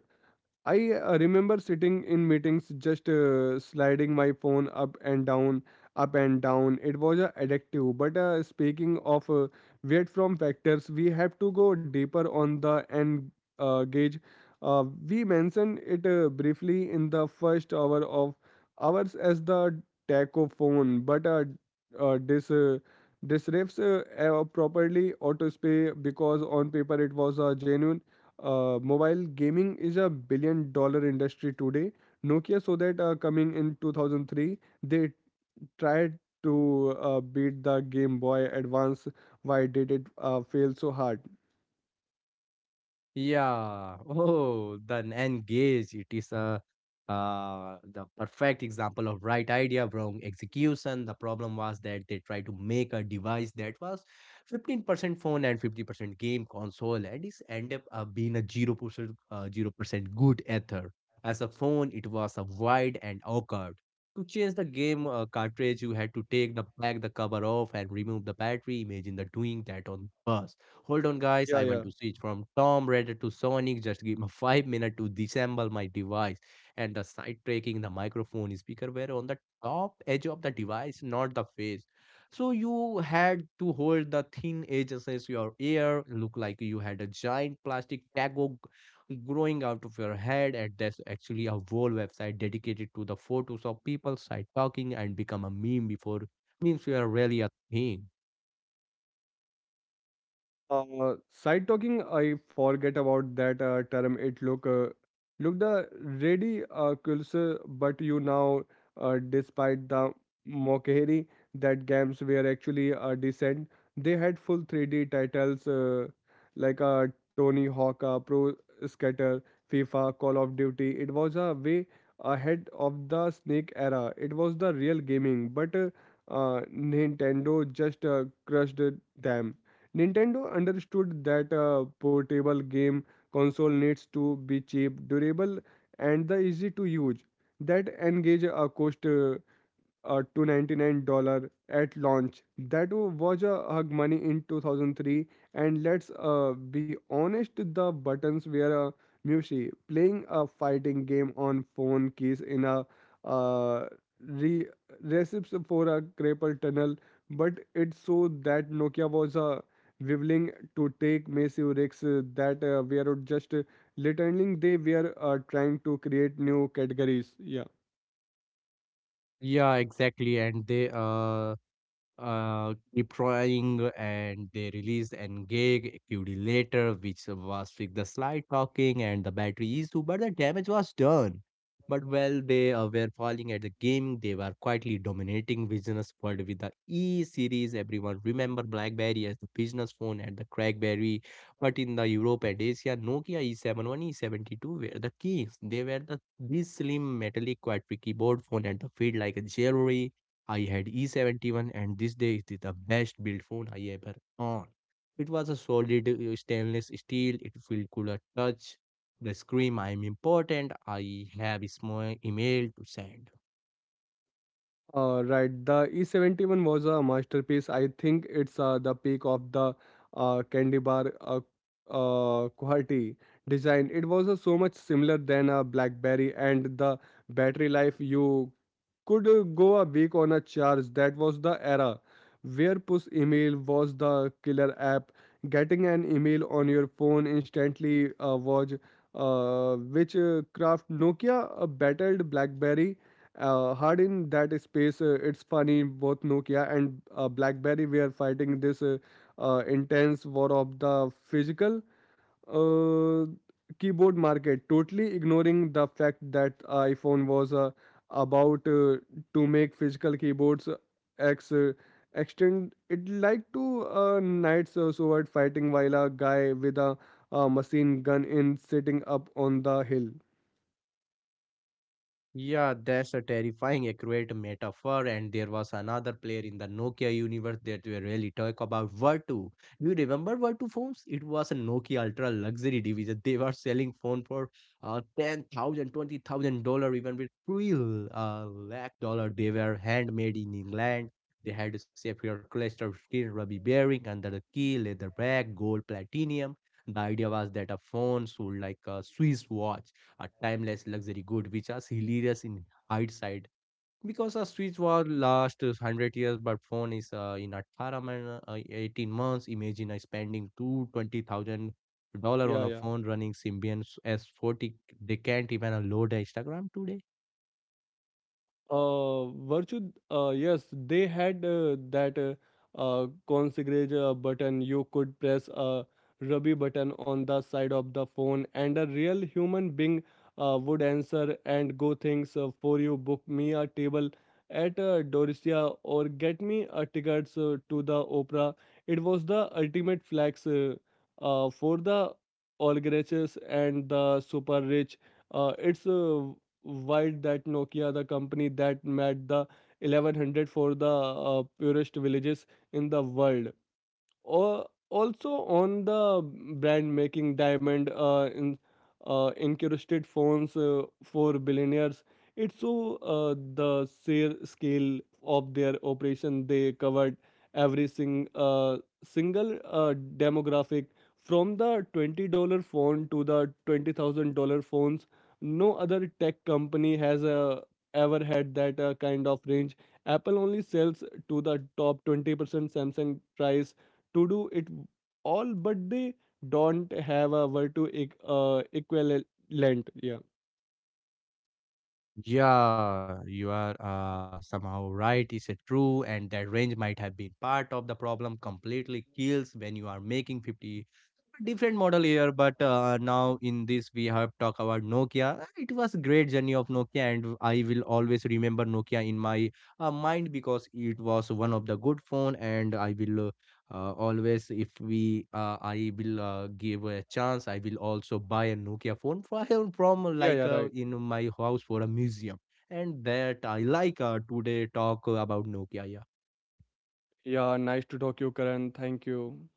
[SPEAKER 1] I remember sitting in meetings just sliding my phone up and down, up and down. It was addictive. But speaking of weight from factors, we have to go deeper on the end gauge. Uh, we mentioned it briefly in the first hour of ours as the tachophone, but this disrupts properly autospay because on paper it was a genuine mobile gaming is a $1 billion industry today. Nokia saw that coming in 2003. They tried to beat the Game Boy Advance. Why did it fail so hard?
[SPEAKER 2] Yeah. Oh, the N-gage. It is a the perfect example of right idea, wrong execution. The problem was that they tried to make a device that was 15% phone and 50% game console, and it ended up being a 0% 0% good ether. As a phone, it was a wide and awkward. To change the game cartridge, you had to take the back the cover off and remove the battery. Imagine the doing that on bus. Hold on, guys.
[SPEAKER 1] Yeah,
[SPEAKER 2] I want
[SPEAKER 1] yeah.
[SPEAKER 2] to switch from Tom Raider to Sonic. Just give me 5 minutes to disassemble my device. And the sidetracking, the microphone speaker were on the top edge of the device, not the face. So you had to hold the thin edge against your ear. Look like you had a giant plastic taco growing out of your head. And there's actually a whole website dedicated to the photos of people side talking and become a meme before memes were really a thing.
[SPEAKER 1] Side talking, I forget about that term. It look look the ready culture, but you now, despite the mockery that games were actually decent, they had full 3D titles like Tony Hawk, Pro Skater, FIFA, Call of Duty. It was a way ahead of the Snake era. It was the real gaming, but Nintendo just crushed them. Nintendo understood that a portable game console needs to be cheap, durable, and the easy to use that engage a cost. To $99 at launch. That was a hug money in 2003. And let's be honest, the buttons were a mushy. Playing a fighting game on phone keys in a uh, re- recipes for a Crapple tunnel, but it showed that Nokia was willing to take massive risks that were just literally they were trying to create new categories. Yeah.
[SPEAKER 2] Yeah, exactly. And they keep trying and they released Engage QD later, which was with the slide talking and the battery issue, but the damage was done. But while they were falling at the gaming, they were quietly dominating business world with the E series. Everyone remember BlackBerry as the business phone and the CrackBerry, but in the Europe and Asia, Nokia E71, E72 were the kings. They were the this slim metallic quadri keyboard phone and the feel like a jewelry. I had E71 and this day it is the best built phone I ever owned. It was a solid stainless steel, it felt cool at touch. The screen, I'm important, I have a small email to send.
[SPEAKER 1] Right, the E71 was a masterpiece. I think it's the peak of the candy bar quality design. It was so much similar than a BlackBerry, and the battery life you could go a week on a charge. That was the era where push email was the killer app. Getting an email on your phone instantly was which craft Nokia battled BlackBerry hard in that space. It's funny, both Nokia and BlackBerry were fighting this intense war of the physical uh, keyboard market, totally ignoring the fact that iPhone was about to make physical keyboards ex extend it like to knights sword fighting while a guy with a machine gun in sitting up on the hill.
[SPEAKER 2] Yeah, that's a terrifying accurate metaphor. And there was another player in the Nokia universe that we really talk about, Vertu. You remember Vertu phones? It was a Nokia ultra luxury division. They were selling phone for 10,000, 20,000 dollar, even with three lakh dollar. They were handmade in England. They had a sapphire cluster steel ruby bearing under the key, leather back, gold platinum. The idea was that a phone sold like a Swiss watch, a timeless luxury good, which is hilarious in hindsight, because a switch was last 100 years but phone is in 18 months. Imagine spending 220,000 dollar on
[SPEAKER 1] Yeah,
[SPEAKER 2] a
[SPEAKER 1] yeah.
[SPEAKER 2] phone running Symbian s40. They can't even load a Instagram today.
[SPEAKER 1] Virtu, yes, they had that configure button. You could press a rubby button on the side of the phone, and a real human being would answer and go things for you. Book me a table at Doricia or get me a tickets to the opera. It was the ultimate flex for the oligarchs and the super rich. It's wide that Nokia, the company that made the 1100 for the poorest villages in the world. Or also on the brand making diamond incrusted phones for billionaires. It's so the sheer scale of their operation they covered every single demographic from the $20 phone to the $20,000 phones. No other tech company has ever had that kind of range. Apple only sells to the top 20%, Samsung tries to do it all, but they don't have a virtue equivalent. Yeah.
[SPEAKER 2] Yeah, you are somehow right. Is it true? And that range might have been part of the problem. Completely kills when you are making 50 different model here. But now in this we have talked about Nokia. Ah, it was great journey of Nokia, and I will always remember Nokia in my mind because it was one of the good phone, and I will always, if we I will give a chance, I will also buy a Nokia phone from
[SPEAKER 1] Yeah,
[SPEAKER 2] like
[SPEAKER 1] yeah, right.
[SPEAKER 2] in my house for a museum. And that I like today talk about Nokia. Yeah.
[SPEAKER 1] Yeah, nice to talk you, Karan. Thank you.